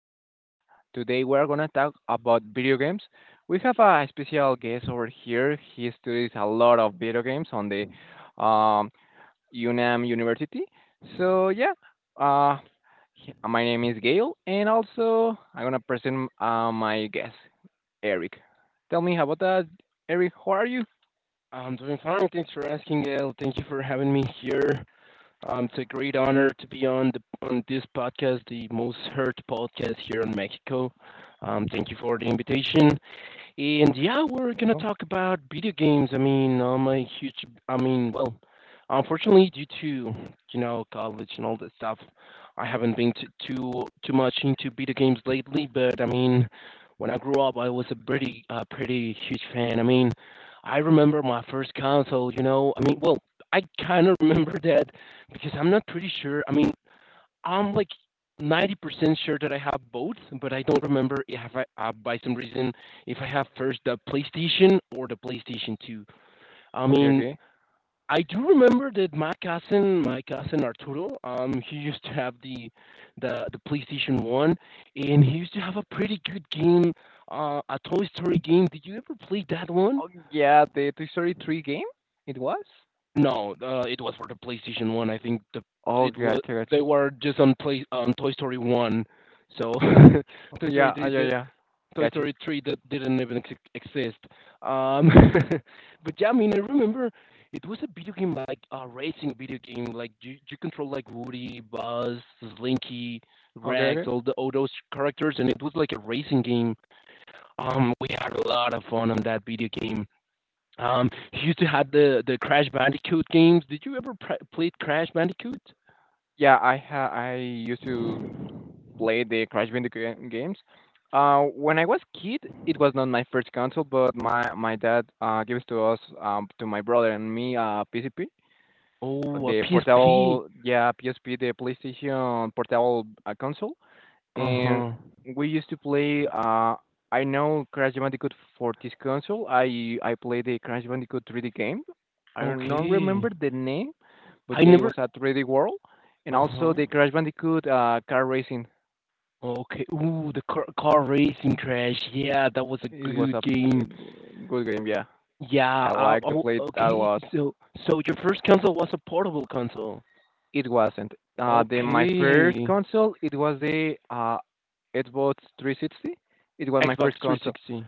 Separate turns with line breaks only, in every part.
podcast. Today we are gonna talk about video games. We have a special guest over here. He studies a lot of video games on the um, UNAM University. So yeah, uh, my name is Gail, and also I'm gonna present my guest, Eric. Tell me about that, Eric. How are you?
I'm doing fine. Thanks for asking, Gail. Thank you for having me here. It's a great honor to be on the on this podcast, the most heard podcast here in Mexico. Thank you for the invitation. And yeah, we're gonna
Welcome.
talk about video games. I mean, I'm a huge. I mean, well, unfortunately, due to college and all that stuff, I haven't been too much into video games lately. But I mean, when I grew up, I was a pretty pretty huge fan. I mean, I remember my first console. You know, I mean, well, I kind of remember that because I'm not pretty sure. I mean, I'm like 90% sure that I have both, but I don't remember if I, by some reason, if I have first the PlayStation or the PlayStation 2. I
Okay,
mean,
okay.
I do remember that my cousin Arturo. He used to have the PlayStation 1, and he used to have a pretty good game, a Toy Story game. Did you ever play that one?
Oh yeah, the Toy Story 3 game. It was.
No, it was for the PlayStation 1. I think the
Oh,
it was
gotcha, gotcha.
they were just on play on Toy Story 1, so
Oh,
Toy Story
yeah,
three
yeah,
did,
yeah.
Toy
Gotcha.
Story three that didn't even exist. Um, but yeah, I mean, I remember it was a video game like a racing video game. Like you control like Woody, Buzz, Slinky,
Okay,
Rex,
okay.
all those characters, and it was like a racing game. We had a lot of fun on that video game. He used to have the Crash Bandicoot games. Did you ever played Crash Bandicoot?
Yeah, I used to play the Crash Bandicoot games. When I was kid, it was not my first console, but my dad gives to my brother and me PCP,
Oh, a
the
PSP.
portable yeah PSP, the PlayStation portable console.
Uh
And
huh.
we used to play. I know Crash Bandicoot for this console. I played the Crash Bandicoot 3D game. I don't not
Okay.
remember the name, but
I
yeah, it
never.
was a 3D world, and
Uh
also
huh.
the Crash Bandicoot car racing.
Okay. Ooh, the car, racing Crash. Yeah, that was a
It was a
good game.
good game. Yeah,
Yeah.
I
I,
like to
oh,
play it a
okay.
lot.
So, your first console was a portable console.
It wasn't. The my first
Okay.
console. It was the Xbox 360. It was my
Xbox
first console.
360.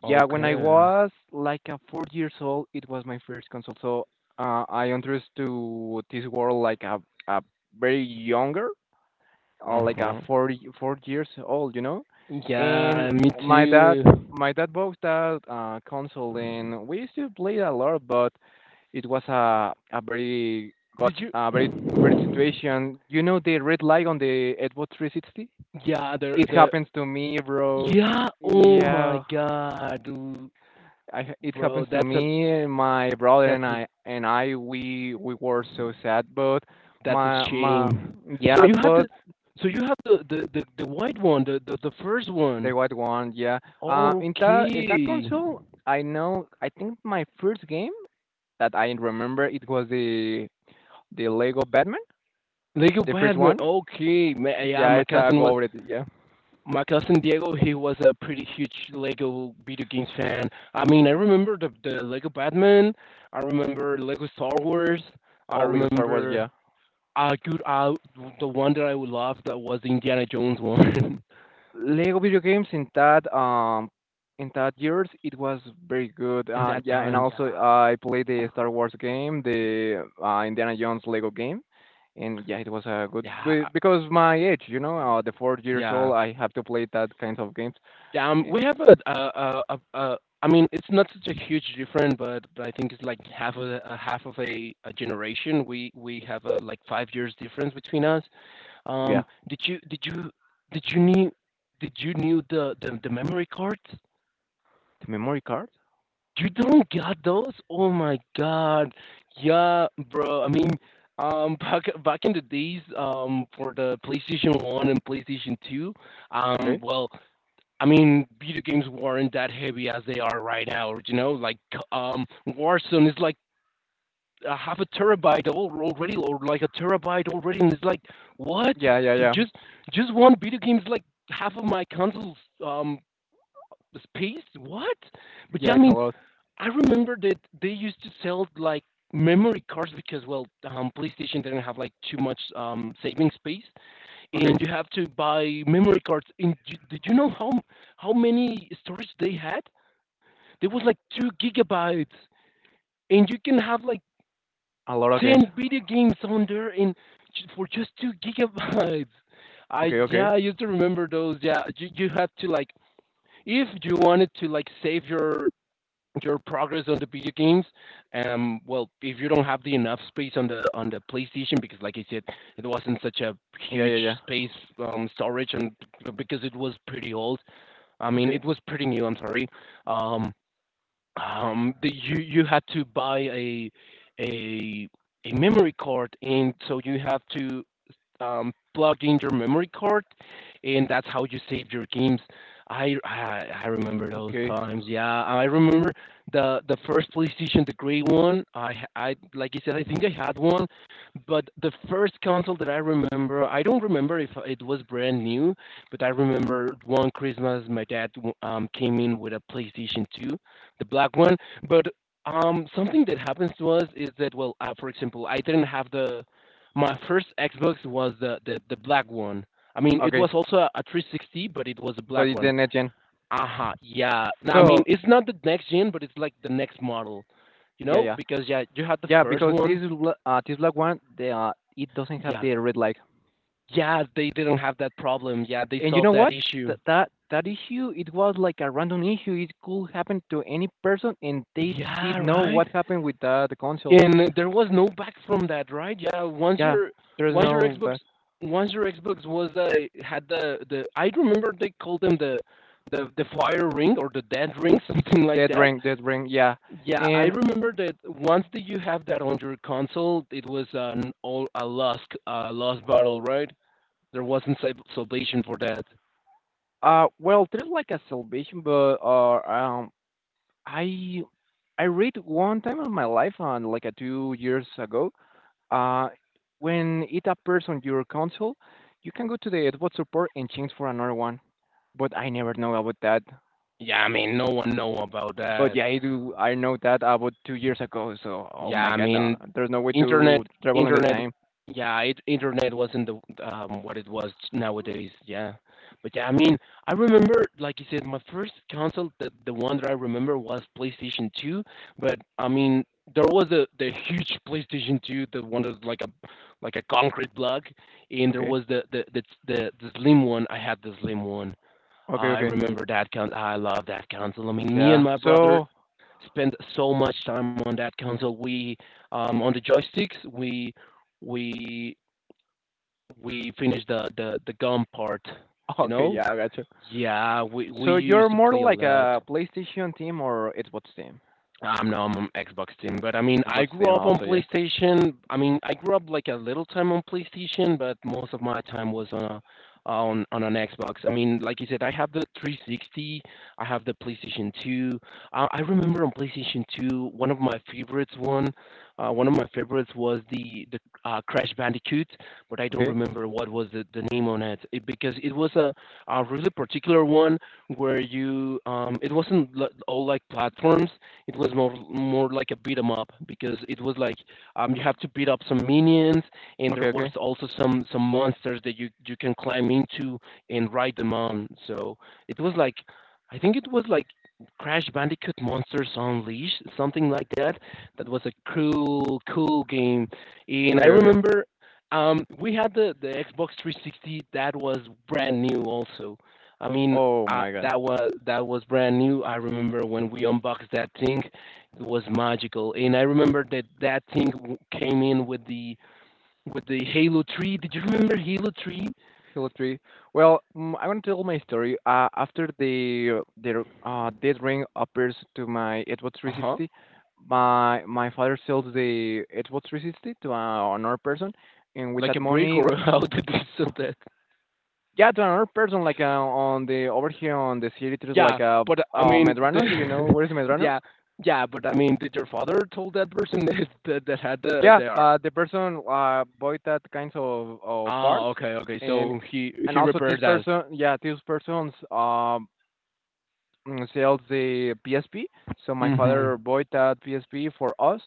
Yeah, when I
Okay.
was like a 4 years old, it was my first console. So I entered to this world like a very younger,
Uh
like a
huh.
4 years old, you know.
Yeah,
And
me
my dad,
too.
my dad bought that console, and we used to play a lot, but it was a very got
Did you?
a very very situation. You know the red light on the Xbox 360.
Yeah,
It
the
happens to me, bro.
yeah. Oh my
Yeah,
god, dude,
I it
bro,
happens to me, my brother and
that's a
I and I we were so sad, but
that's
my
a
my
shame. So
yeah,
you had the
but
so you had the white one, the first
the
one.
white one, yeah. In that
Okay,
console, I think my first game that I remember it was the Lego Batman,
Lego
the first
Batman.
one.
Okay, Ma yeah,
Yeah, it's a go with it, yeah.
my cousin Diego. He was a pretty huge Lego video games fan. I mean, I remember the Lego Batman. I remember Lego Star Wars. I
All Lego Star Wars,
remember,
yeah.
Dude, the one that I would love that was the Indiana Jones one.
Lego video games in that years it was very good.
and that
Yeah, and
time,
also
yeah,
I played the Star Wars game, the Indiana Jones Lego game, and yeah, it was a good
yeah,
be- because my age, you know, the 4 years
yeah.
old, I have to play that kinds of games.
Yeah,
Eh,
we have I mean, it's not such a huge difference, but, I think it's like a half of a generation. We have like 5 years difference between us.
Yeah,
Did you did you did you need did you knew the memory cards?
the memory card.
You don't got those? Oh my god. Yeah, bro. I mean, back in the days, for the PlayStation 1 and PlayStation 2,
Okay.
well, I mean, video games weren't that heavy as they are right now. You know, like Warzone is like a half a terabyte already, or like a terabyte already, and it's like what?
Yeah, yeah,
So
yeah,
just one video game is like half of my console's um space. What? But
yeah.
yeah, I
It's a
mean,
lot.
I remember that they used to sell like memory cards because well, PlayStation didn't have like too much saving space, and
Okay,
you have to buy memory cards. And you, did you know how many storage they had? There was like 2 gigabytes, and you can have like
a lot of games.
10 video games on there, and for just 2 gigabytes. I
Okay,
yeah,
okay.
I used to remember those. Yeah, you had to like if you wanted to like save your progress on the video games, well if you don't have the enough space on the PlayStation, because like I said, it wasn't such a
Yeah, yeah,
huge
yeah.
space, storage. And because it was pretty old, I mean,
Okay,
it was pretty new, I'm sorry, um you had to buy a a memory card, and so you have to plug in your memory card, and that's how you save your games. I remember those
okay,
times. Yeah, I remember the first PlayStation, the gray one. I like you said, I think I had one, but the first console that I remember, I don't remember if it was brand new, but I remember one Christmas my dad came in with a PlayStation 2, the black one, but. Something that happens to us is that, well, for example, I didn't have the my first Xbox was the black one. I mean, it
okay.
was also a 360, but it was a
But
black
it's the
one.
next gen.
Aha, yeah. Now, I mean,
So
it's not the next gen, but it's like the next model, you
yeah,
know?
yeah.
Because yeah, you had the
Yeah,
first
because this
one.
l- uh, this black one, the it doesn't have
Yeah.
the red light.
Yeah, they didn't have that problem. Yeah, they
And you know
solved that
what?
issue.
That issue, it was like a random issue. It could happen to any person, and they did
Yeah,
know
right.
what happened with the console.
And there was no back from that, right? Yeah, once
Yeah,
your
there's
once your
no
Xbox
but
once your Xbox was had the I remember they called them the fire ring or the dead ring, something like
dead
that.
ring, dead ring. Yeah,
Yeah, I
and
remember that once that you have that on your console, it was an all a lost battle, right? There wasn't salvation for that.
well, there's like a salvation, but I I read one time in my life, on like a 2 years ago. Uh, when it appears on your console, you can go to the Xbox support and change for another one. But I never know about that.
Yeah, I mean, no one know about
But
that.
yeah, I do. I know that about 2 years ago. So oh
Yeah,
my
I
god, no,
mean,
there's no way to
internet,
travel in the
internet,
time.
yeah, internet wasn't the what it was nowadays. Yeah, but yeah, I mean, I remember, like you said, my first console, the one that I remember was PlayStation 2. But I mean, there was the huge PlayStation 2, the one that's like a concrete block, and there
Okay,
was the slim one. I had the slim one.
okay,
I
okay.
remember that con. I love that console. I mean, me and
Yeah.
my brother
So
spend so much time on that console. We on the joysticks we we finished the gun part. You
okay,
know?
yeah, I gotcha.
Yeah, we
So you're
used to
more
play a
like
lot.
a PlayStation team or Xbox team?
No, I'm on Xbox team, but I mean, I
Xbox
grew
team
up on
also, yeah.
PlayStation. I mean, I grew up like a little time on PlayStation, but most of my time was on a, on on an Xbox. I mean, like you said, I have the 360, I have the PlayStation 2. I remember on PlayStation 2, one of my favorites was the Crash Bandicoot, but I don't
Okay,
remember what was the name on it, because it was a really particular one where you it wasn't all like platforms. It was more like a beat 'em up because it was like, you have to beat up some minions, and
okay,
there was
okay,
also some monsters that you can climb into and ride them on. So it was like, I think it was like Crash Bandicoot Monsters Unleashed, something like that. That was a cool cool game, and I
okay, okay.
remember. We had the Xbox 360 that was brand new also. I mean,
Oh
I,
my god.
that was brand new. I remember when we unboxed that thing, it was magical. And I remember that that thing came in with the Halo Tree. Did you remember Halo Tree?
Hello, Tree. Well, I want to tell my story. After the dead ring appears to my Xbox
Uh huh.
360, my father sells the Xbox 360 to another person, and with
Like
that
a break or
money,
how did we sell that?
yeah, to another person like on the over here on the city, there's
Yeah,
like a
but I mean,
Medrano. Do you know where is Medrano?
yeah, yeah, but I mean, did your father told that person that had the
Yeah,
the ar-
the person bought that kinds of
Ah,
parts,
okay, okay,
and
so he
and
he
also this
repaired that.
person, yeah, this person's sells the PSP. So my father
Mhm.
bought that PSP for us,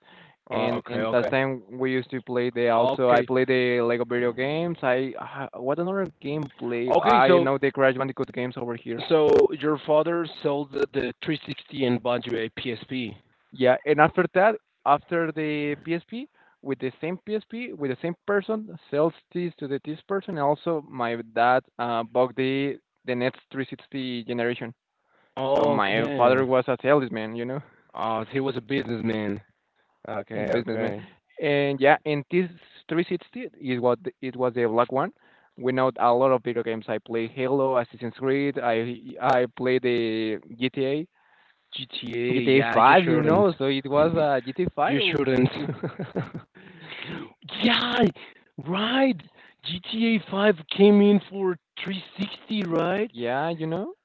Ah,
and
okay,
in that
okay,
time we used to play the. Also, I
okay,
play the Lego video games. What another game play?
okay.
I
So
know the Crash Bandicoot games over here.
So your father sold the 360 and bought you a PSP.
Yeah, and after that, after the PSP, with the same PSP, with the same person, sells this to the this person. Also, my dad bought the next 360 generation. So my father
Okay.
was a salesman.
Oh, he was a businessman.
In
Okay,
businessman.
okay.
And yeah, and this 360 is it was the black one. We know a lot of video games. I play Halo, Assassin's Creed. I play the GTA,
GTA,
GTA
yeah, you
5. You
shouldn't.
know, so it was G T a GTA 5.
You shouldn't.
L- y-
Yeah,
oh,
right. GTA 5 came in for 360, right?
Yeah, you know.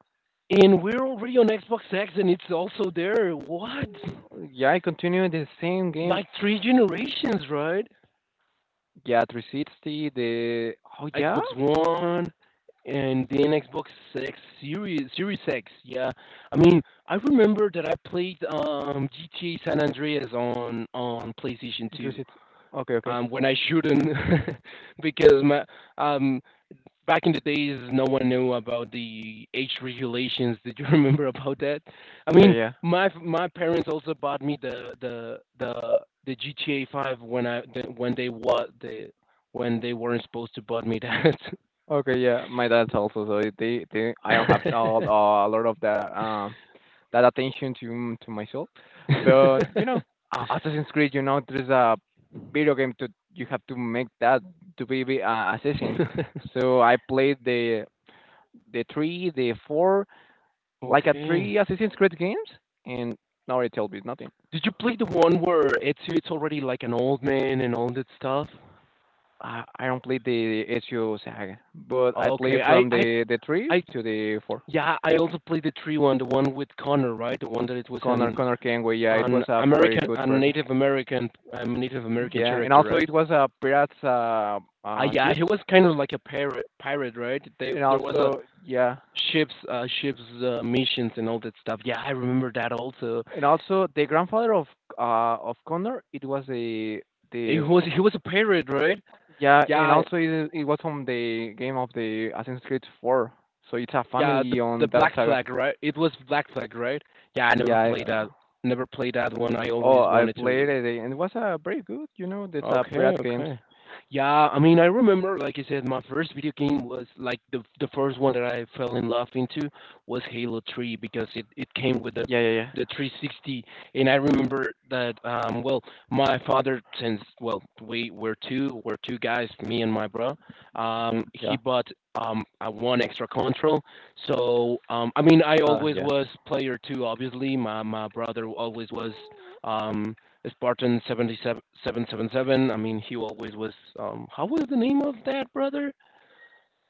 And we're already on Xbox X and it's also there. What?
Yeah, I continue the same game.
Like three generations, right?
Yeah, 360. The oh yeah,
Xbox One and then Xbox X Series X. Yeah, I mean, I remember that I played GTA San Andreas on PlayStation 2,
360. Okay, okay.
when I shouldn't, because my um, back in the days no one knew about the age regulations. Did you remember about that? I
Yeah,
mean,
yeah.
my parents also bought me the GTA 5 when I the, when they what the when they weren't supposed to buy me that.
Okay, yeah. My dad's also so they I don't have a lot of the that attention to myself. But you know,
okay.
Assassin's Creed, there's a video game to you have to make that to be, assassin. So I played the three, the four, like a three Assassin's Creed games, and now it tells me nothing.
Did you play the one where Ezio is already like an old man and all that stuff?
I don't play the Ezio saga, but I play
Okay,
from the three
I,
to the four.
yeah, I also played the three one, the one with Connor, right? The one that it was
Connor
an
Connor Kenway, yeah, it
an
was a pretty
American,
good
a
person.
Native American, Native American
Yeah, and
character,
also
right?
it was a pirates
Ah, yeah, he
ships,
was kind of like a pirate, right? They
and
there was
also yeah,
ships missions and all that stuff. Yeah, I remember that also.
and also the grandfather of Connor, it was a
He
the
was he was a pirate, right?
yeah, and
Yeah,
also it was from the game of the Assassin's Creed 4. So it's a
yeah, the
family
the
on that
Black
saga.
Flag, right? It was Black Flag, right? Yeah, I
Yeah.
never
I, uh,
played that. Never played that one. I
oh,
always
I
wanted
played
to.
it and it was very good. You know, it's a
Okay,
Brad games.
okay. Yeah, I mean, I remember, like you said, my first video game was like the first one that I fell in love into was Halo 3 because it came with the
Yeah, yeah, yeah,
the 360, and I remember that well, my father, since, well, we were two, we're two guys, me and my bro. He
yeah.
bought a one extra control. So, I mean, I always
Yeah.
was player two, obviously. My brother always was um Spartan 77 777. I mean, he always was. How was the name of that brother?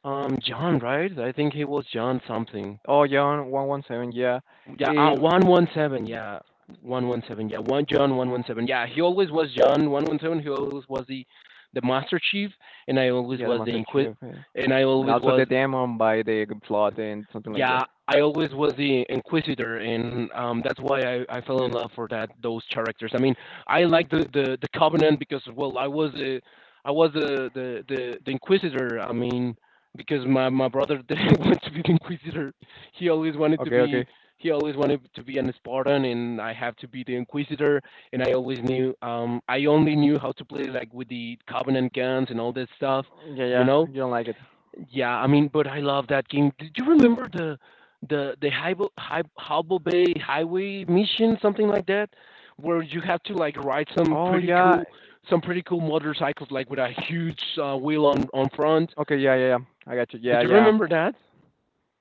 John, right? I think he was John something.
Oh, yeah, on 117. Yeah.
Yeah,
Yeah.
117. Yeah, 117. Yeah, one John 117. Yeah, he always was John 117. He always was the Master Chief, and I always
Yeah, the
was the
Master
Inquis.
Chief. Yeah.
And I
And
always
also
was.
the demon by the plot and something like
Yeah,
that.
I always was the Inquisitor, and that's why I fell in love for that those characters. I mean, I like the Covenant because, well, I was a, I was the Inquisitor. I mean, because my brother didn't want to be the Inquisitor. He always wanted to
Okay,
be
okay.
he always wanted to be an Spartan, and I have to be the Inquisitor. And I always knew I only knew how to play like with the Covenant guns and all that stuff,
Yeah,
you
yeah.
know
You don't like it.
yeah, I mean, but I love that game. Did you remember the Hubble Bay Highway mission, something like that, where you have to like ride some
Oh
pretty
yeah,
cool some pretty cool motorcycles, like with a huge wheel on front.
okay, yeah, yeah, yeah. I got you.
Did
Yeah,
you
yeah.
remember that?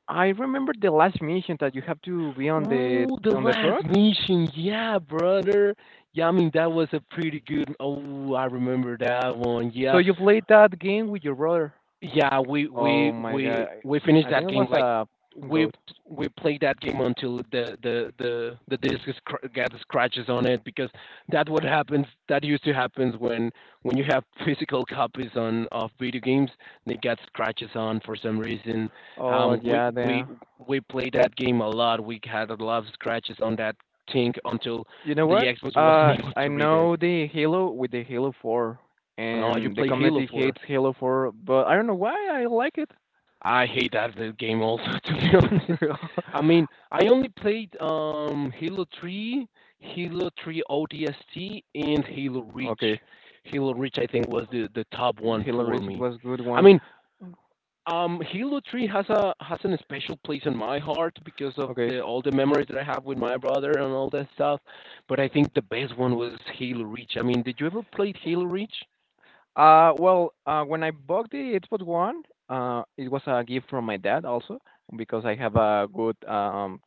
I remember the last mission that you have to be on the
Ooh, the
on the
last
truck.
mission, yeah, brother. Yeah, I mean that was a pretty good. Oh, I remember that one.
So
Yeah,
you played that game with your brother.
yeah, we
Oh
we
my god.
we
I
we finished
I think
that
it
game
was
like
a
we
goat.
we played that game until the disc gets scratches on it because that what happens that used to happens when you have physical copies on of video games. They get scratches on for some reason.
Oh
um we
yeah.
we
the
we played that game a lot. We had a lot of scratches on that thing until
You know
the
what?
Xbox wasn't able
I
to read it.
know the Halo with the Halo 4
Oh, you
and the
played Halo
community
for.
hates Halo 4, but I don't know why I like it.
I hate that game also, to be honest. I mean, I only played Halo 3, Halo 3 ODST, and Halo Reach.
Okay.
Halo Reach, I think, was the top one
Halo
for
Reach it
me.
was good
I
one.
mean, Halo 3 has an special place in my heart because of
Okay.
the all the memories that I have with my brother and all that stuff. But I think the best one was Halo Reach. I mean, did you ever play Halo Reach?
Well, when I bought the Xbox One, it was a gift from my dad also because I have a good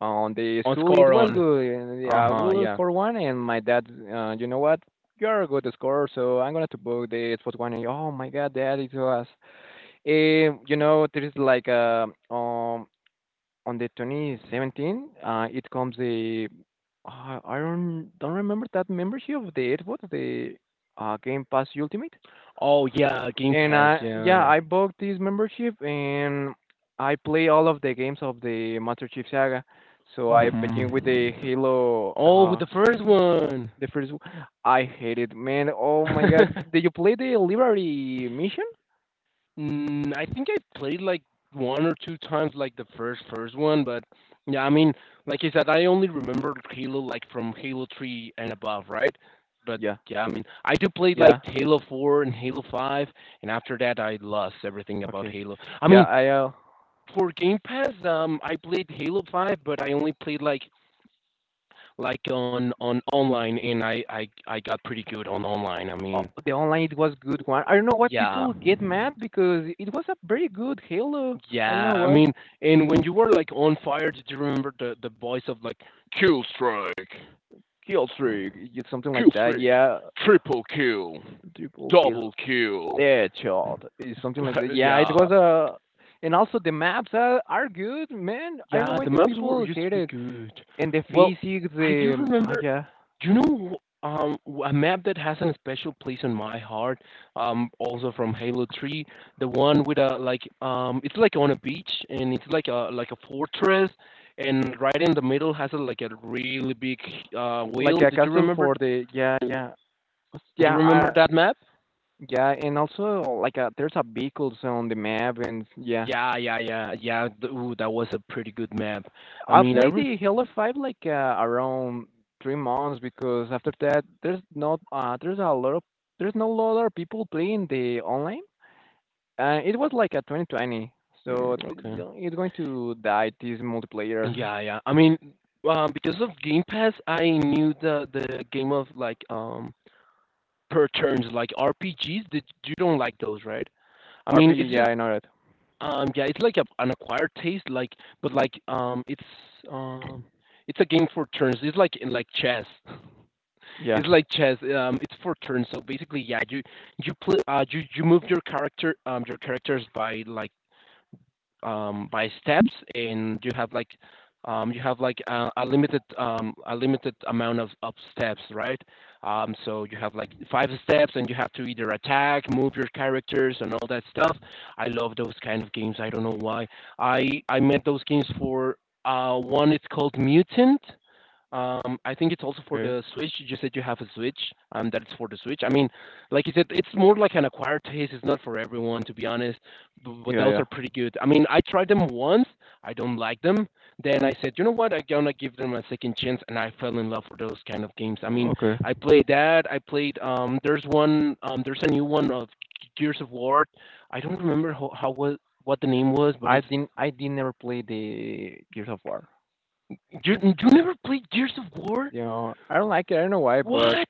on the
On
school. It
Score
was
on.
good, and
Uh
yeah, I
huh.
will
Yeah.
score one, and my dad, you know what? You're a good scorer, so I'm gonna to book the Xbox One. And oh my God, dad, it was, there is like on the 2017, it comes the I don't remember that membership of the Xbox, the Game Pass Ultimate,
Oh yeah, Game
and
Pass.
I yeah,
Yeah.
I bought this membership and I play all of the games of the Master Chief Saga. So I
Mhm.
begin with the Halo
Oh, with the first one.
the first one. I hate it, man. Oh my god. Did you play the library mission?
I think I played like one or two times, like the first one, but yeah, I mean, like I said, I only remember Halo like from Halo 3 and above, right? But
Yeah.
yeah, I mean, I do played like
Yeah.
Halo 4 and Halo 5, and after that, I lost everything about
Okay.
Halo. I
Yeah,
mean, for Game Pass, I played Halo 5, but I only played like on online, and I got pretty good on online. I mean,
the online it was good one. I don't know why
yeah.
people get mad because it was a very good Halo. I don't
Yeah,
know
I
why.
mean, and when you were, like, on fire, did you remember the voice of, like, "Kill strike,
Kill streak, something like
kill
that.
strike,
Yeah,
triple kill,
triple
double
kill.
kill."
Their child is something like that. Yeah, it
Yeah.
was and also the maps are good, man. I don't know
Yeah,
why
the
the
maps were
people
used to
hate
be
it.
good.
And the
Well,
physics,
I do
the oh
remember.
yeah,
Do you know a map that has a special place in my heart? Also from Halo 3, the one with a, like, it's like on a beach and it's like a fortress, and right in the middle has a really big wheel.
like a
Did you
castle
remember?
for the yeah yeah
Do
yeah
you remember that map?
yeah, and also like there's a vehicles on the map and yeah.
Yeah, yeah, yeah, yeah. Ooh, that was a pretty good map. I
I
mean,
played the Halo 5 like around 3 months because after that there's not there's a lot of there's no lot of people playing the online. It was like a 2020, so
okay.
it's going to die. This multiplayer
Yeah, yeah. I mean, because of Game Pass, I knew the game of like per turns like RPGs that you don't like those, right? I mean,
RPG.
it's
Yeah,
just
I know that.
yeah, it's like an acquired taste, like, but, like, um it's a game for turns. It's like in like chess.
Yeah,
It's like chess. It's for turns. So basically, yeah, you play you you move your characters by steps, and you have a limited amount of steps, right? So you have like five steps, and you have to either attack, move your characters, and all that stuff. I love those kind of games. I don't know why. I made those games for one. It's called Mutant, I think it's also for
okay.
the Switch. You just said you have a Switch, and that's for the Switch. I mean, like you said, it's more like an acquired taste. It's not for everyone, to be honest. But
Yeah,
those are
yeah.
pretty good. I mean, I tried them once. I don't like them. Then I said, you know what? I'm gonna give them a second chance, and I fell in love for those kind of games. I mean,
Okay.
I played that. I played. There's one. There's a new one of Gears of War. I don't remember how was what the name was, but
I
it's
didn't, I did never play the Gears of War.
you. You never played Gears of War?
You know, I don't like it. I don't know why, but
What?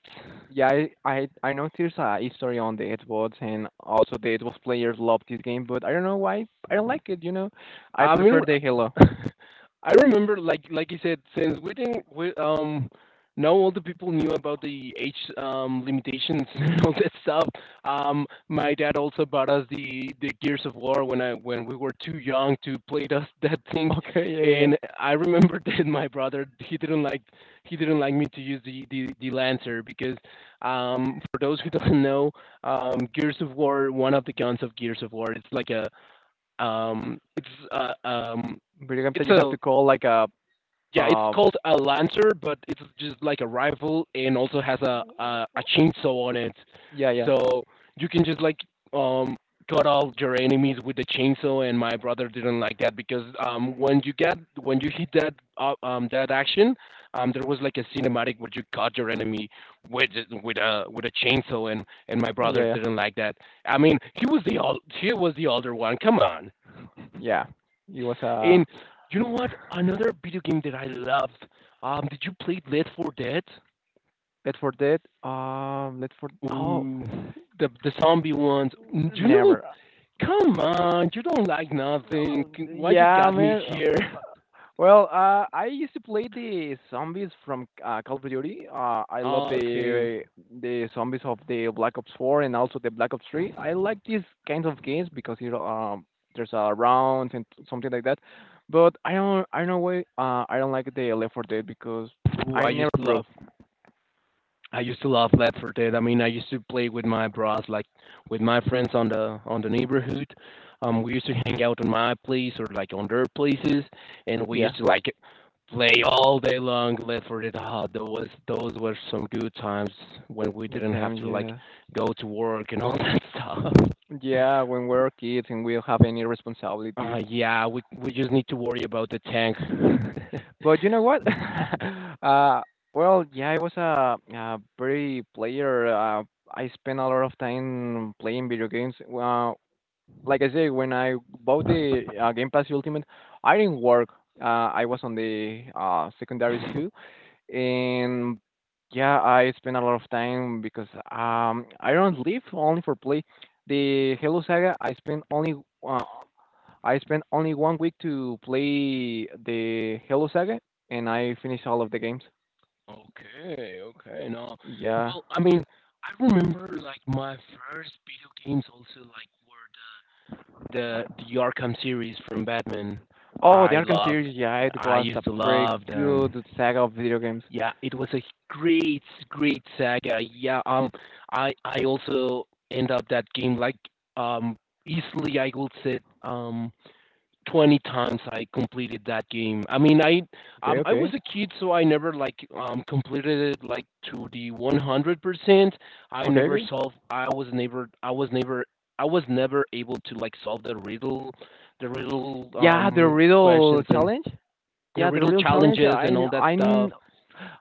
yeah, I know there's a history on the Xbox, and also the Xbox players love this game, but I don't know why. I don't like it. You know, I
I
prefer
mean,
the Halo.
I remember like you said, since we didn't we now all the people knew about the age limitations and all that stuff. My dad also bought us the Gears of War when we were too young to play that that thing,
Okay, yeah, yeah. Yeah.
and I remember that my brother he didn't like me to use the Lancer because for those who don't know, Gears of War, one of the guns of Gears of War, um, it's uh, um,
Video game that
it's
you have
a
to call like a,
yeah, it's
uh,
called a lancer, but it's just like a rifle and also has a chainsaw on it.
yeah, yeah,
So you can just like um cut off your enemies with the chainsaw. And my brother didn't like that because when you hit that action, there was like a cinematic where you cut your enemy with with a chainsaw, and my
yeah,
brother
yeah.
didn't like that. I mean, he was the older one. Come on.
Yeah, it was
And you know what? Another video game that I love. Did you play Left 4 Dead?
Left 4 Dead. Left 4. Oh,
Ooh, the zombie ones. Mm, you know,
never.
come on, you don't like nothing.
No,
Why you
yeah,
got me
man.
here?
Well, I used to play the zombies from Call of Duty. I love
Okay.
the zombies of the Black Ops 4 and also the Black Ops 3. I like these kinds of games because there's rounds and something like that. But I don't why I don't like the Left 4 Dead because
Ooh, I
I never
used to
pro.
love I used to love Left 4 Dead. I mean, I used to play with my bros, like with my friends on the neighborhood. We used to hang out on my place or like on their places, and we
Yeah,
used to like play all day long Left 4 Dead. Ah, those were some good times when we
good
didn't
time.
have to like
Yeah.
go to work and all that stuff.
Yeah, when we're kids and we don't have any responsibilities.
Yeah, we just need to worry about the tank.
But you know what? uh, yeah, I was a very player. I spent a lot of time playing video games. Like I say, when I bought the Game Pass Ultimate, I didn't work. Uh, I was on the secondary school, and yeah, I spent a lot of time because I don't live only for play. The Halo Saga, I spent only. Uh, I spent only 1 week to play the Halo Saga, and I finished all of the games.
Okay, okay. No.
Yeah.
Well, I mean, I remember like my first video games also like were the Arkham series from Batman.
Oh, the
I
Arkham
loved,
series. Yeah, it
I
was
used
a
to
pretty
love them.
good saga of video games.
Yeah, it was a great, great saga. Yeah, I also end up that game like um easily I would say 20 times I completed that game. I mean, I
Okay,
um, I
okay,
was a kid, so I never like completed it like to the 100%. I
okay,
never
okay.
solved. I was never. I was never. I was never able to like solve the riddle
Yeah, the Riddle
questions and
challenge.
the
Yeah, the
riddle
Riddle challenge.
challenges and
I
all that
I
stuff.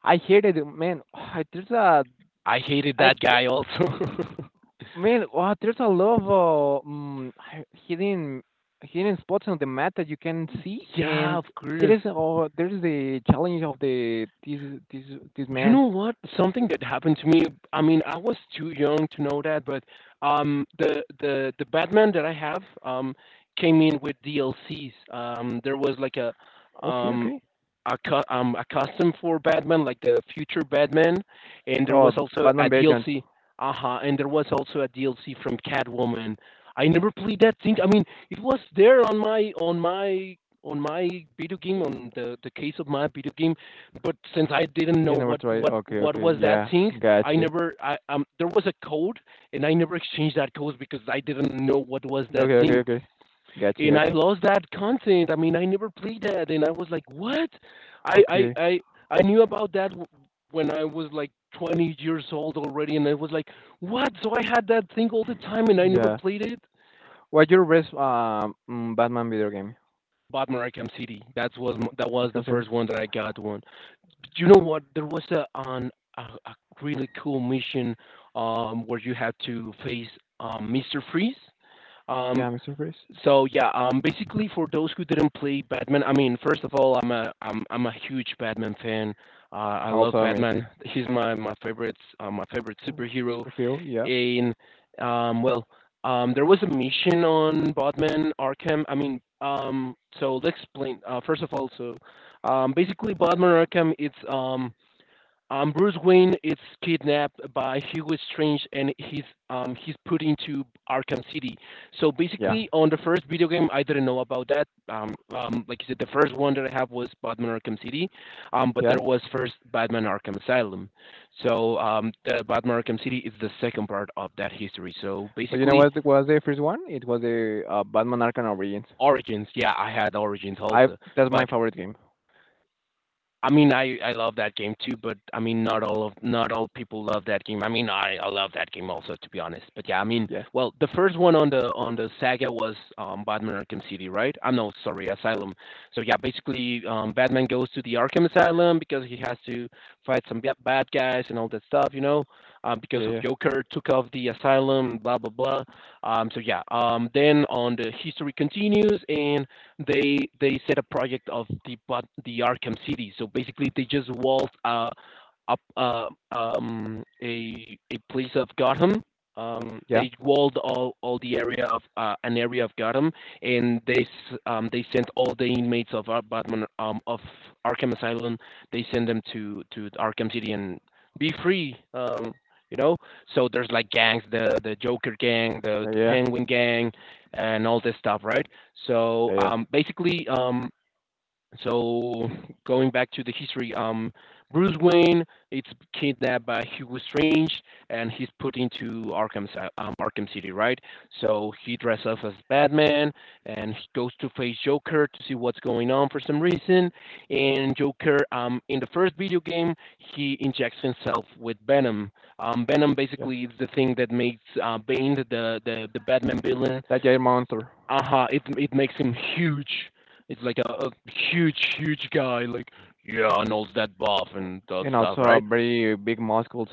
I hated it, man. There's a,
I hated
I.
that guy also.
Man, wow, there's a lot of hidden hidden spots on the map that you can see,
Yeah,
and
of course.
there is the challenge of the this this this
You
man.
know what? Something that happened to me. I mean, I was too young to know that, but the Batman that I have came in with DLCs. There was like a
Okay,
um
okay.
accustomed for Batman, like the future Batman, and there
Oh,
was also
Batman
a
Beyond.
DLC. Uh huh. And there was also a DLC from Catwoman. I never played that thing. I mean, it was there on my video game on the case of my video game, but since I didn't
You
know
never
what
tried.
what
Okay,
what
okay.
was that
Yeah,
thing, I
gotcha.
never I there was a code and I never exchanged that code because I didn't know what was that
Okay, okay,
thing
okay. Gotcha,
and I
gotcha.
lost that content. I mean, I never played that, and I was like, "What?" I I
Okay,
I I knew about that when I was like 20 years old already, and I was like, "What?" So I had that thing all the time, and I never
yeah.
played it.
What's your best Batman video game?
Batman Arkham City. That was that
At
was the
concern.
first one that I got one. You know what? There was a, a really cool mission where you had to face Mister Freeze. Um,
Yeah, Mr. Freeze.
So yeah, basically for those who didn't play Batman, I mean, first of all, I'm a huge Batman fan. I love
Also me.
Batman. He's my favorite my favorite
Mm,
superhero.
Superhero. Yeah,
And well, there was a mission on Batman Arkham. I mean, so let's explain. First of all, so basically Batman Arkham, it's Bruce Wayne is kidnapped by Hugo Strange and he's put into Arkham City. So
yeah,
basically, on the first video game, I didn't know about that. Like you said, the first one that I have was Batman Arkham City, but
yeah.
there was first Batman Arkham Asylum. So the Batman Arkham City is the second part of that history. So
But you know
basically,
what was the first one? It was the Batman Arkham Origins.
Origins. Yeah, I had Origins
I
also,
That's my
but
favorite game.
I mean, I love that game too, but I mean, not all people love that game. I mean, I love that game also, to be honest. But yeah, I mean,
Yeah,
well, the first one on the saga was Batman Arkham City, right? I'm no, sorry, Asylum. So yeah, basically, Batman goes to the Arkham Asylum because he has to fight some bad guys and all that stuff, you know,
yeah,
because of
yeah,
Joker took off the asylum, blah blah blah. So yeah, then on the history continues and they set a project of the but the Arkham City. So basically, they just walled a up a place of Gotham.
yeah,
They walled all the area of an area of Gotham, and they sent all the inmates of Batman of Arkham Asylum. They send them to Arkham City and be free. You know, so there's like gangs, the Joker gang, the,
yeah,
the
yeah,
Penguin gang, and all this stuff, right? So
yeah, yeah,
basically, so going back to the history, Bruce Wayne is kidnapped by Hugo Strange and he's put into Arkham City, right? So he dresses up as Batman and he goes to face Joker to see what's going on for some reason. And Joker, in the first video game, he injects himself with Venom. Venom
yeah.
basically is the thing that makes Bane the Batman villain.
That giant monster
Uh-huh, it makes him huge, it's like a huge huge guy like yeah, Arnold's that buff and that
and
stuff
also
right.
very big muscles.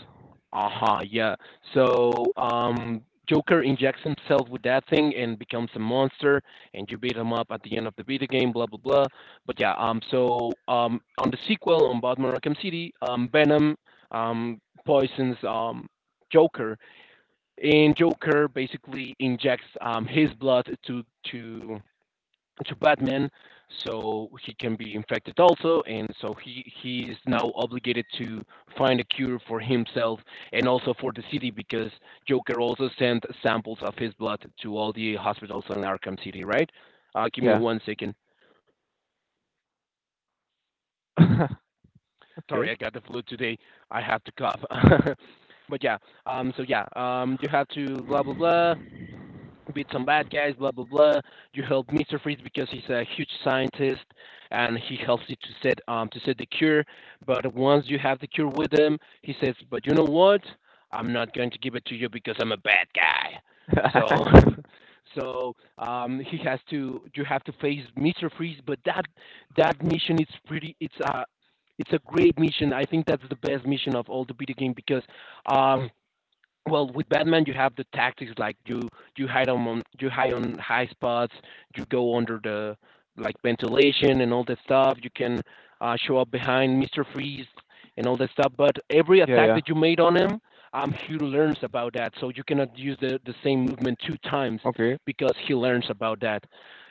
Uh-huh yeah. So um Joker injects himself with that thing and becomes a monster and you beat him up at the end of the beta game, blah blah blah. But yeah, on the sequel on Batman Arkham City, Venom um poisons Joker, and Joker basically injects his blood to to Batman, so he can be infected also, and so he is now obligated to find a cure for himself and also for the city because Joker also sent samples of his blood to all the hospitals in Arkham City, right? Give me
Yeah.
one second. Sorry,
okay.
I got the flu today. I have to cough. But yeah, you have to blah blah blah, beat some bad guys, blah blah blah. You help Mister Freeze because he's a huge scientist and he helps you to set the cure. But once you have the cure with him, he says, "But you know what? I'm not going to give it to you because I'm a bad guy." So, so he has to you have to face Mister Freeze. But that that mission is pretty. It's a great mission. I think that's the best mission of all the video game because um well with Batman you have the tactics like you you hide on high spots, you go under the like ventilation and all that stuff, you can show up behind Mr. Freeze and all that stuff. But every
yeah,
attack
yeah.
that you made on him, he learns about that, so you cannot use the same movement two times
Okay.
because he learns about that,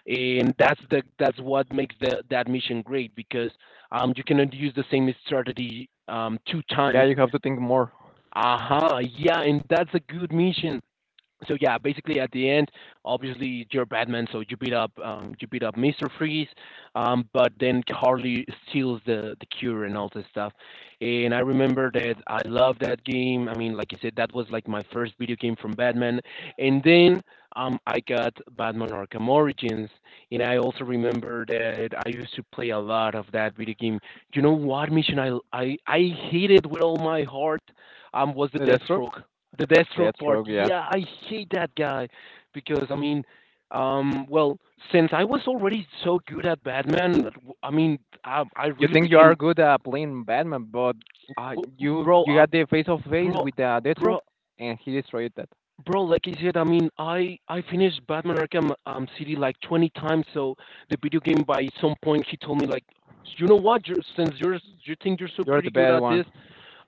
and that's the that's what makes that mission great because you cannot use the same strategy two
Yeah,
times.
you have to think more.
Uh huh. Yeah, and that's a good mission. So yeah, basically at the end, obviously you're Batman, so you beat up Mister Freeze, but then Harley steals the cure and all this stuff. And I remember that I loved that game. I mean, like I said, that was like my first video game from Batman. And then I got Batman Arkham Origins, and I also remember that I used to play a lot of that video game. You know what mission I hated with all my heart was the
The Deathstroke.
Deathstroke. The Deathstroke part,
Deathstroke. Yeah.
yeah, I hate that guy because I mean, well, since I was already so good at Batman, I mean, I
You
really
think you are
became,
good at playing Batman, but you
bro,
you got the face of face
bro,
with Deathstroke,
bro,
and he destroyed that.
bro, like I said, I mean, I finished Batman Arkham City like 20 times, so the video game by some point he told me like, you know what, since you're you think you're so
You're
pretty
the
good
bad
at
one.
this,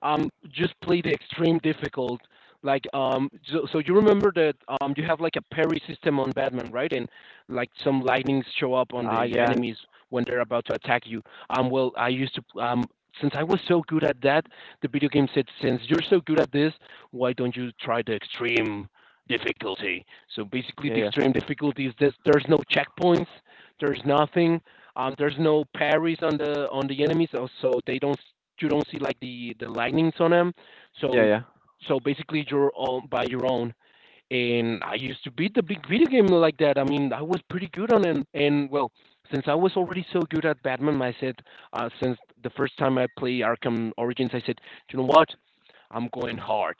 just played extreme difficult. Like so, so you remember that you have like a parry system on Batman, right? And like some lightnings show up on
Ah,
the
yeah,
enemies when they're about to attack you. Well, I used to since I was so good at that, the video game said, since you're so good at this, why don't you try the extreme difficulty? So basically,
yeah,
the
yeah,
extreme difficulty is this: there's no checkpoints, there's nothing, there's no parries on the enemies, so so they don't you don't see like the lightnings on them.
yeah,
So
yeah.
so basically you're on by your own. And I used to beat the big video game like that. I mean, I was pretty good on it. And well, since I was already so good at Batman, I said, since the first time I play Arkham Origins, I said, you know what? I'm going hard.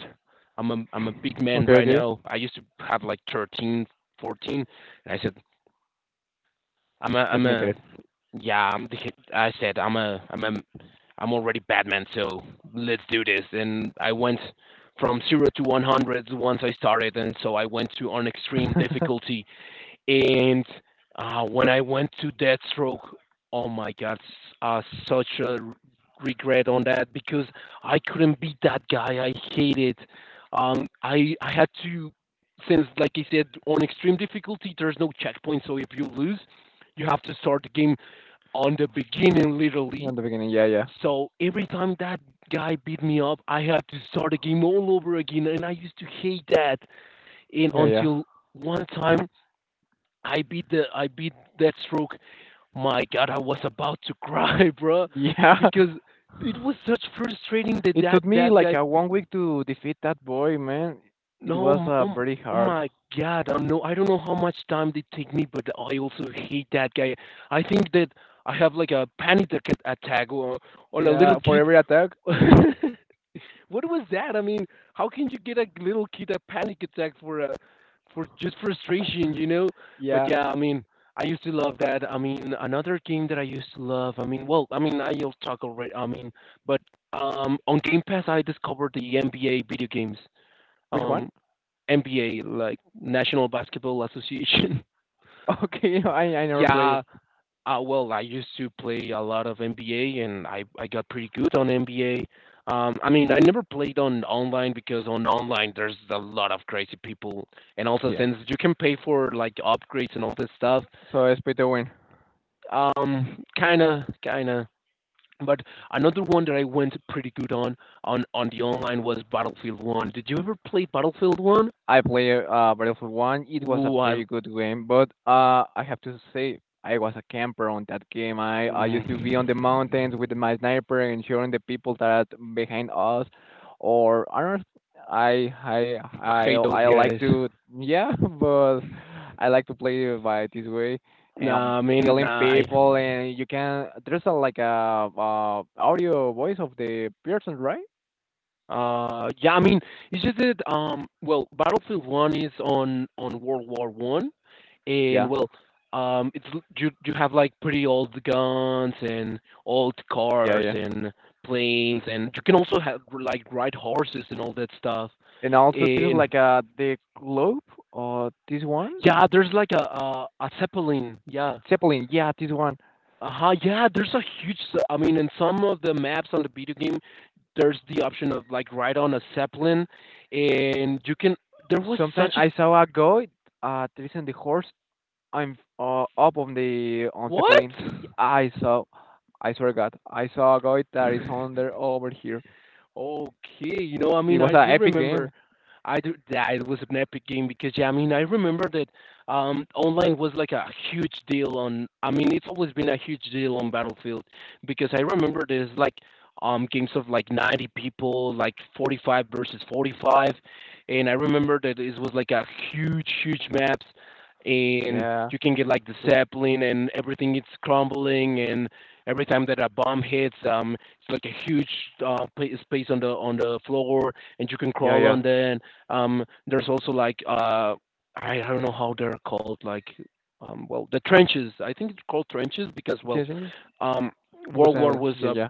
I'm a big man
Okay,
right
okay.
now. I used to have like 13, 14, and I said,
Let's
I'm
make
a
it.
yeah, I'm I said I'm a I'm a I'm already Batman, so let's do this. And I went from zero to 100 once I started, and so I went to on extreme
On
difficulty. And when I went to Deathstroke, oh my God, such regret on that because I couldn't beat that guy. I hated. I had to since like I said on extreme difficulty, there's no checkpoint, so if you lose, you have to start the game on the beginning, literally.
the beginning, yeah, yeah,
So every time that guy beat me up, I had to start the game all over again, and I used to hate that. And
yeah, yeah,
until one time, I beat Deathstroke. My God, I was about to cry, bro,
yeah.
because it was such frustrating that
It
that
took me
that
like
guy.
a
Beat,
1 week to defeat that boy, man. It was
no, oh,
very
oh
hard.
my God, I don't know. I don't know how much time they take me, but I also hate that guy. I think that I have like a panic attack or on a little
Yeah, for
kid.
every attack.
What was that? I mean, how can you get a little kid a panic attack for a for just frustration, you know? But
Yeah.
yeah, I mean, I used to love that. I mean, another game that I used to love. I mean, well, I mean, I'll talk already. I mean, but on Game Pass, I discovered the NBA video games.
Which one?
Um, NBA, like National Basketball Association.
Okay, I never played it.
Yeah, well, I used to play a lot of NBA, and I got pretty good on NBA. I mean, I never played on online because on online there's a lot of crazy people, and also
Yeah.
since you can pay for like upgrades and all this stuff,
So I split the win.
kinda, kinda. But another one that I went pretty good on on the online was Battlefield One. Did you ever play Battlefield One?
I play Battlefield 1. It was a
Ooh, I
pretty good game, but I have to say, I was a camper on that game. I used to be
mm,
on the mountains with my sniper, ensuring the people that are behind us, or I don't. I I
hate those
I like
guys.
to yeah, but I like to play by this way and
Nah, I mean,
killing
nah, I
people, and you can there's a like a audio voice of the person, right?
Yeah, I mean, it's just that well, Battlefield One is on World War One, and
Yeah,
well, it's you have like pretty old guns and old
yeah,
cars
yeah.
and planes, and you can also have like ride horses and all that stuff.
And also this is
And
like the globe or this one?
yeah, there's like a zeppelin. Yeah.
Zeppelin, yeah, this one.
Uh-huh, yeah, there's a huge. I mean, in some of the maps on the video game, there's the option of like ride on a zeppelin, and you can. There was
Sometimes
such a
I saw a guy tracing the horse. I'm Up on the on
what?
Zeppelin. I saw I swear to God, I saw a guy that is on there over here.
Okay, you know, I
It
mean,
was
I
an
do
epic game.
remember I do, that was an epic game because yeah, I mean I remember that online was like a huge deal on. I mean it's always been a huge deal on Battlefield because I remember there's like games of like 90 people, like 45 versus 45, and I remember that it was like a huge huge maps, and
Yeah.
you can get like the
It-
sapling and everything it's crumbling and every time that a bomb hits it's like a huge space on the floor and you can
Yeah,
crawl
yeah.
on that there's also like I don't know how they're called, like well the trenches. I think it's called trenches because well,
Yes, yes.
um,
It was
World War
a yeah, yeah.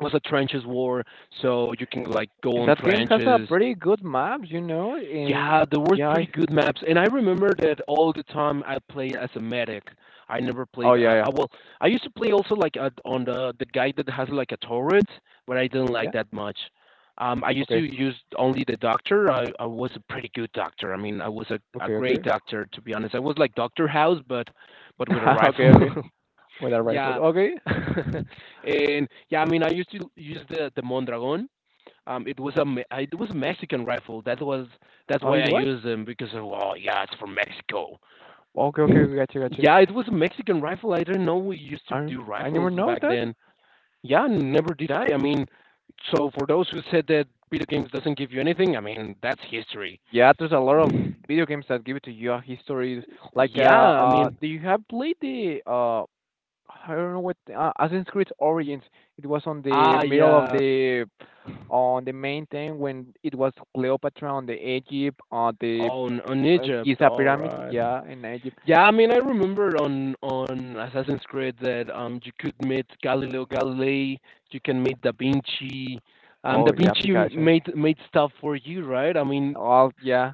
was a trenches war, so you can like go
And
on
that game has a
trenches.
pretty good map, you know.
Yeah,
And
there were
yeah,
pretty
I,
good maps, and I remember that all the time I played as a medic. I never
oh
played.
yeah, yeah.
Well, I used to play also like on the guy that has like a turret, but I didn't like
Yeah.
that much. I used to
Okay.
use only the doctor. I was a pretty good doctor. I mean, I was a
Okay,
great
okay.
doctor to be honest. I was like Doctor House, but with a
okay,
rifle.
okay. With a right foot.
yeah,
Okay.
and yeah, I mean, I used to use the Mondragon. It was a it was a Mexican rifle. That was that's
Oh,
why
it
I
was?
used them because of, well, yeah, it's from Mexico.
Okay, okay, okay, gotcha, gotcha.
Yeah, it was a Mexican rifle. I didn't know we used to
I
do
I never
rifles
know
back
that.
then. Yeah, never did I. I mean, so for those who said that video games doesn't give you anything, I mean, that's history.
Yeah, there's a lot of video games that give it to you histories.
Yeah, I mean,
Do you have played the I don't know what Assassin's Creed Origins? It was on the
ah
middle of
yeah
the on the main thing when it was Cleopatra on the Egypt on the
on Egypt.
Giza
All
pyramid.
right.
Yeah, in Egypt.
Yeah, I mean, I remember on Assassin's Creed that you could meet Galileo Galilei, you can meet Da Vinci. Da
Oh yeah,
Vinci
Pikachu.
made stuff for you, right? I mean,
Oh yeah.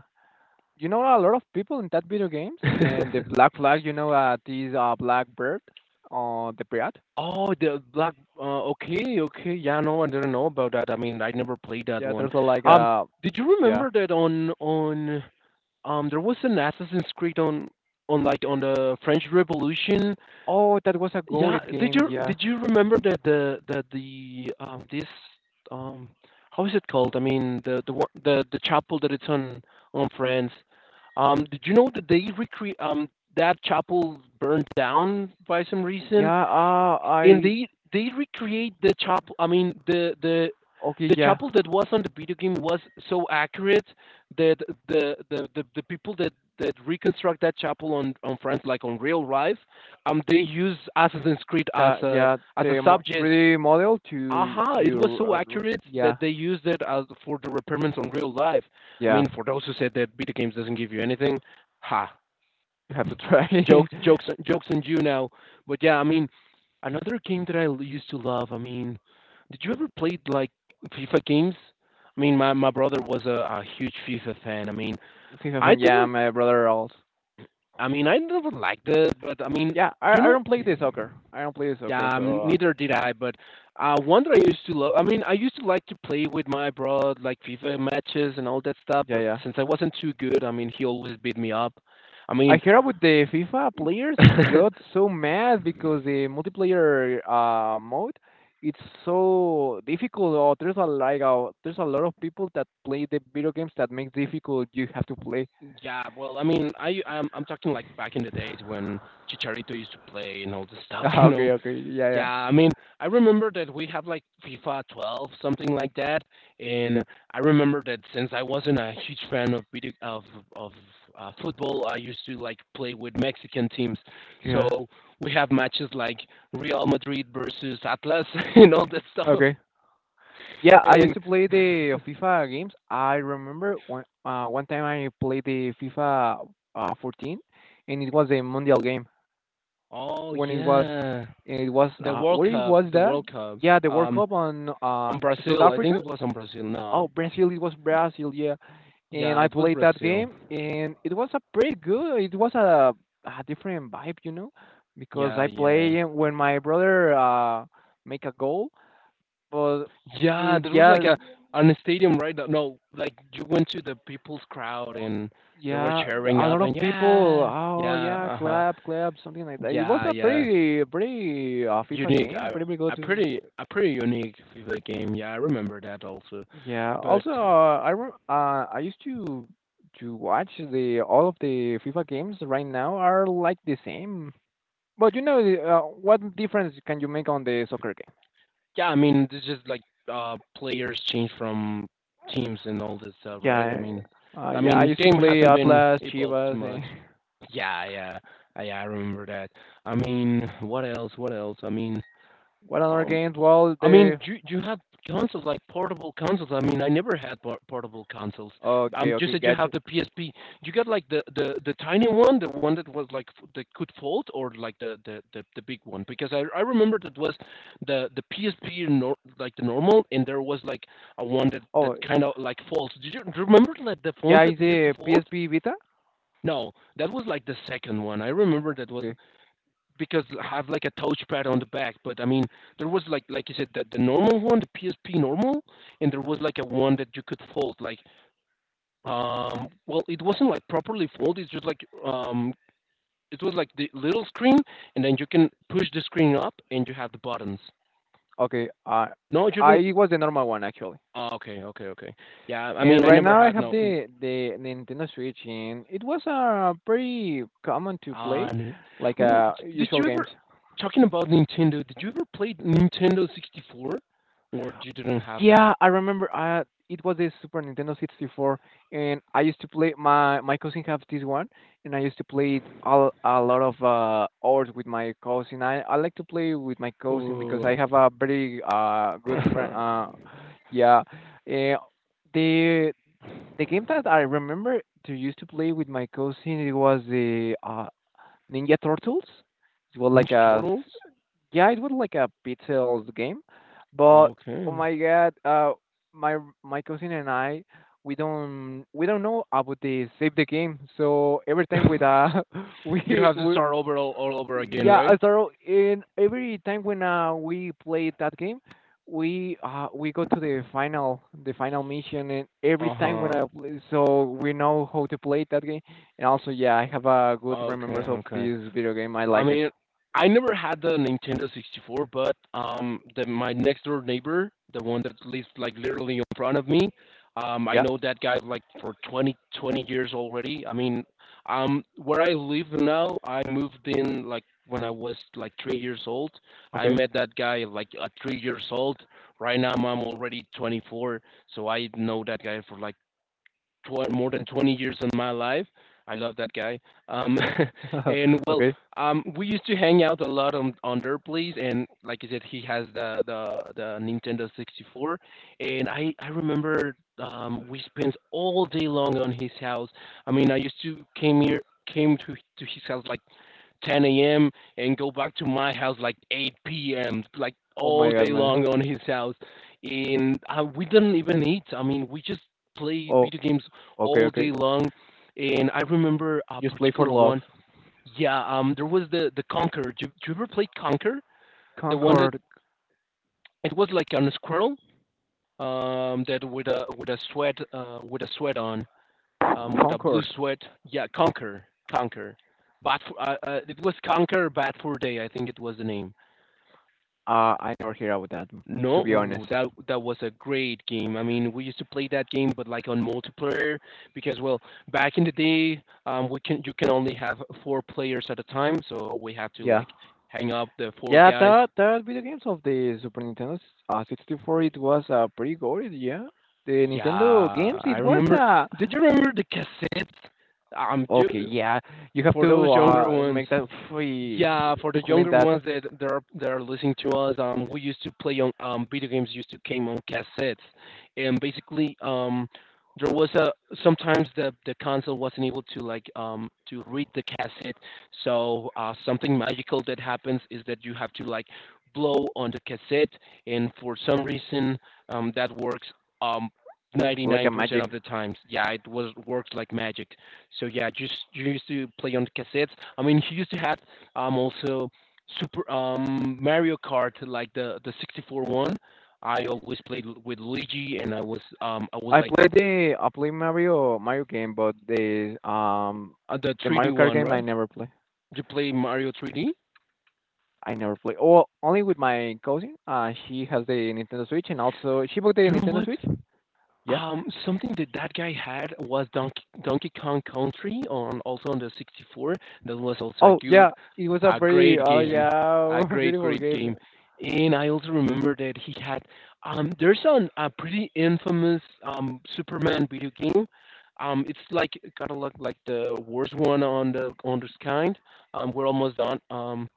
You know, a lot of people in that video games and the black flag. You know, this black bird on the pirate.
oh, the black. Okay, okay. Yeah, no, I didn't know about that. I mean, I never played that
Yeah,
one.
there's a, like
Um,
a
did you
yeah.
remember that on there was an Assassin's Creed on like on the French Revolution?
Oh, that was a
Yeah,
goated game. Yeah,
did you remember that the this um how is it called? I mean the one- the chapel that it's on France. Did you know that they recre that chapel burned down by some reason?
yeah.
And
I
they recreate the chapel. I mean,
okay.
the chapel that was on the video game was so accurate that the people that reconstruct that chapel on France, like on real life, they use Assassin's Creed
Yeah.
as a
The mo-
subject.
3D model
Aha!
to
It was
your
so accurate
yeah,
that they used it as for the repairments on real life. I
yeah.
mean, for those who said that video games doesn't give you anything, ha!
You have to try
Jokes, jokes, jokes on you now. But yeah, I mean, another game that I used to love. I mean, did you ever play like FIFA games? I mean, my brother was a huge FIFA fan. I mean,
FIFA
I
fan. Yeah,
didn't.
my brother also.
I mean, I never liked it, but I mean,
Yeah,
you
I
know,
don't play the soccer. I don't play the soccer.
yeah,
So
neither did I. But one that I used to love. I mean, I used to like to play with my bro, like FIFA matches and all that stuff.
yeah,
But
yeah.
since I wasn't too good, I mean, he always beat me up. I
I
mean,
heard about the FIFA players got so mad because the multiplayer mode it's so difficult. Or there's a like a, there's a lot of people that play the video games that makes difficult. You have to play.
yeah, well, I mean, I'm talking like back in the days when Chicharito used to play and all this stuff, you know.
okay, okay, yeah, yeah.
Yeah, I mean, I remember that we have like FIFA 12, something like that, and I remember that since I wasn't a huge fan of video of of football, I used to like play with Mexican teams.
Yeah.
So we have matches like Real Madrid versus Atlas and all that stuff.
Okay. Yeah, I
And
used to play the FIFA games. I remember one time I played the FIFA 14, and it was a Mundial game
oh
when it was.
yeah,
It was
the World
where it
Cup,
was
the
that?
World Cup.
Yeah, the World
um.
Cup on
On
South
Brazil, I
Africa.
think it was on Brazil. No,
Oh, Brazil. It was Brazil. Yeah, and
yeah,
I
it was
played that
Brazil.
game, and it was a pretty good. It was a different vibe, you know, because
Yeah,
I
yeah,
play when my brother make a goal, but
yeah.
it,
There was like
yeah,
a on a stadium, right? No, like you went to the people's crowd and they were
yeah,
cheering
a lot
up
of
and
people.
yeah,
Oh
yeah,
yeah,
uh huh,
clap, clap, something like that. It was
yeah,
a
yeah.
pretty, pretty FIFA
Unique,
game, pretty good.
a pretty unique FIFA game. Yeah, I remember that also.
Yeah.
But
Also, I used to watch the all of the FIFA games right now are like the same. But you know, the, what difference can you make on the soccer game?
yeah, I mean, it's just like players change from teams and all this stuff, right?
Yeah.
I
Yeah, I
mean,
used to
game
play
hasn't been
Atlas,
evolved too
Chivas, and
much. Yeah, yeah, I remember that. I mean, what else? What else?
what other
Um,
games? Well,
I mean,
the
do you have consoles, like portable consoles? I mean, I never had portable consoles.
okay,
You
okay,
said you
gotcha.
have the PSP. You got, like, the tiny one, the one that was, like, f that could fold or, like, the big one? Because I remember that was the PSP nor like, the normal, and there was, like, a one that that
Oh,
kinda, like, folds. Did you do you remember, like, the
yeah,
phones
is
that used to
the
fold?
PSP Vita?
No, that was, like, the second one. I remember that was
Okay,
because I have like a touchpad on the back. But I mean, there was like you said the normal one, the PSP normal, and there was like a one that you could fold. Like well, it wasn't like properly folded. It's just like it was like the little screen, and then you can push the screen up, and you have the buttons.
okay.
No, you
I
don't.
It was the normal one actually.
Oh, okay, okay, okay. Yeah, I
And
mean, I
right
never
now I
had
have
no.
the Nintendo Switch, and it was pretty common to
Uh,
play,
n-
like
ooh, did
usual
you
games.
ever talking about Nintendo? Did you ever play Nintendo 64, or you didn't have that?
Yeah, I remember. It was a Super Nintendo 64, and I used to play. My cousin have this one, and I used to play it all, a lot of hours with my cousin. I like to play with my cousin because
Oh.
I have a very good
Ninja
yeah. Uh, the The game that I remember to used to play with my cousin, it was the Ninja Turtles. It was like a s-
Turtles?
yeah, it was like a pixels game, but oh
Okay.
my god, my my cousin and I, we don't know about the save the game. So every time with
You have to
we
start over all over again,
yeah,
right?
so in every time when we played that game, we go to the final mission, and every time when
Uh-huh.
I play, so we know how to play that game. And also, yeah, I have a good
Okay,
remembrance of
okay.
this video game. I
I
like it.
mean, I never had the Nintendo 64, but my next door neighbor, the one that lives like literally in front of me, I
Yeah.
know that guy like for 20, 20 years already. I mean, where I live now, I moved in like when I was like 3 years old. I
Okay.
met that guy like at 3 years old. Right now, I'm already 24, so I know that guy for like more than 20 years in my life. I love that guy. Um, and well,
okay.
we used to hang out a lot on their place, and like I said, he has the Nintendo 64, and I remember we spent all day long on his house. I mean, I used to came here came to his house like 10 a.m. and go back to my house like 8 p.m. like
Oh
all
my God,
day
man.
long on his house, and we didn't even eat. I mean, we just played
Oh,
video games
okay,
all
okay.
day long, and I remember a
Just play for
particular
love.
one. Yeah, there was the Conquer. Do, do you ever play Conquer? The one that
Concord,
it was like on a squirrel, that with a sweat on, with a blue
Concord.
sweat. Yeah, Conquer, Conquer. Bad for, it was Conquer Bad for Day, I think it was the name.
I never hear about that,
No,
to be
ooh,
honest.
that that was a great game. I mean, we used to play that game, but like on multiplayer, because well, back in the day, we can you can only have four players at a time, so we have to
Yeah.
like hang up the four
Yeah,
guys.
that that video games of the 64, it was pretty gory, yeah. The
Yeah,
Nintendo games,
I
it was
remember. Did you remember the cassettes? Um, you,
okay, yeah. You have
for
to
those younger ones.
make that
Yeah,
free
for
to
the
clean
younger
that
ones that that are listening to us, we used to play on video games used to came on cassettes, and basically there was a sometimes the console wasn't able to like to read the cassette, so something magical that happens is that you have to like blow on the cassette, and for some reason that works um.
like a
99%
magic.
of the times yeah it was worked like magic so yeah just you used to play on cassettes. I mean, he used to have also Super Mario Kart, like the 64 one. I always played with Luigi, and I was like
I played Mario Mario game, but
the
the
3D
Mario Kart
one,
game
right?
I never
Did
play.
you play Mario 3D?
I never play. Oh, only with my cousin. She has the Nintendo Switch, and also she bought the
You know
Nintendo
what?
Switch. Yeah.
Something that that guy had was Donkey, Donkey Kong Country on also on the 64. That was also a
Oh yeah,
good,
it was a
a
very
great
oh
game,
yeah
a great
beautiful
great game.
game.
And I also remember that he had there's a pretty infamous Superman video game. It's like kind of look like the worst one on the on this kind. We're almost done.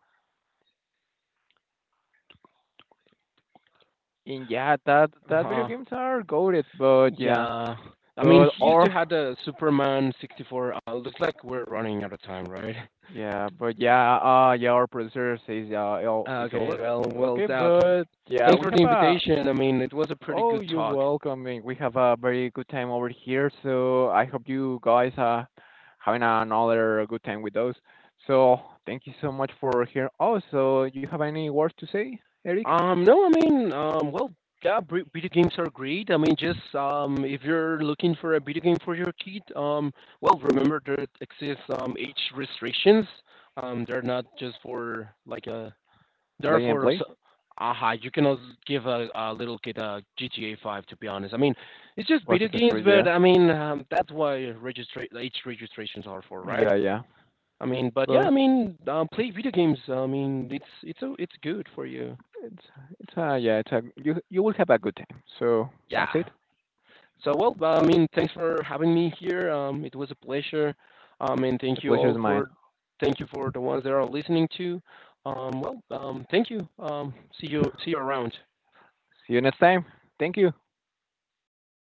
And yeah, that that video
uh,
games are goated, but
yeah. I mean,
but
he used
or
to have the Superman 64. Looks like we're running out of time, right?
yeah, but yeah, yeah, our producer says oh, it's
Okay,
over.
well, well,
Okay,
that.
but yeah,
Thanks
we
for the
have a
invitation. I mean, it was a pretty
oh,
good
you're
talk.
welcome. And we have a very good time over here, so I hope you guys are having another good time with us. So thank you so much for here. Oh, so you have any words to say, Eric?
No, I mean, well, yeah, video games are great. I mean, just if you're looking for a video game for your kid, well, remember there exists age restrictions. They're not just for like a. They're
Play and
for
play.
aha. You cannot give a little kid a GTA 5. To be honest, I mean, it's just
Or
video
Assassin's
games,
Creed, yeah,
but I mean, that's why age registrations are for, right?
yeah, yeah.
I mean, but yeah, I
But
mean, play video games. I mean, it's good for you.
it's yeah, it's a you you will have a good time. So
Yeah.
that's it.
So well, I mean, thanks for having me here. It was a pleasure. And thank
The
you
pleasure
all
is mine.
for thank you for the ones that are listening to. Well, thank you. See you see you around.
See you next time. Thank you.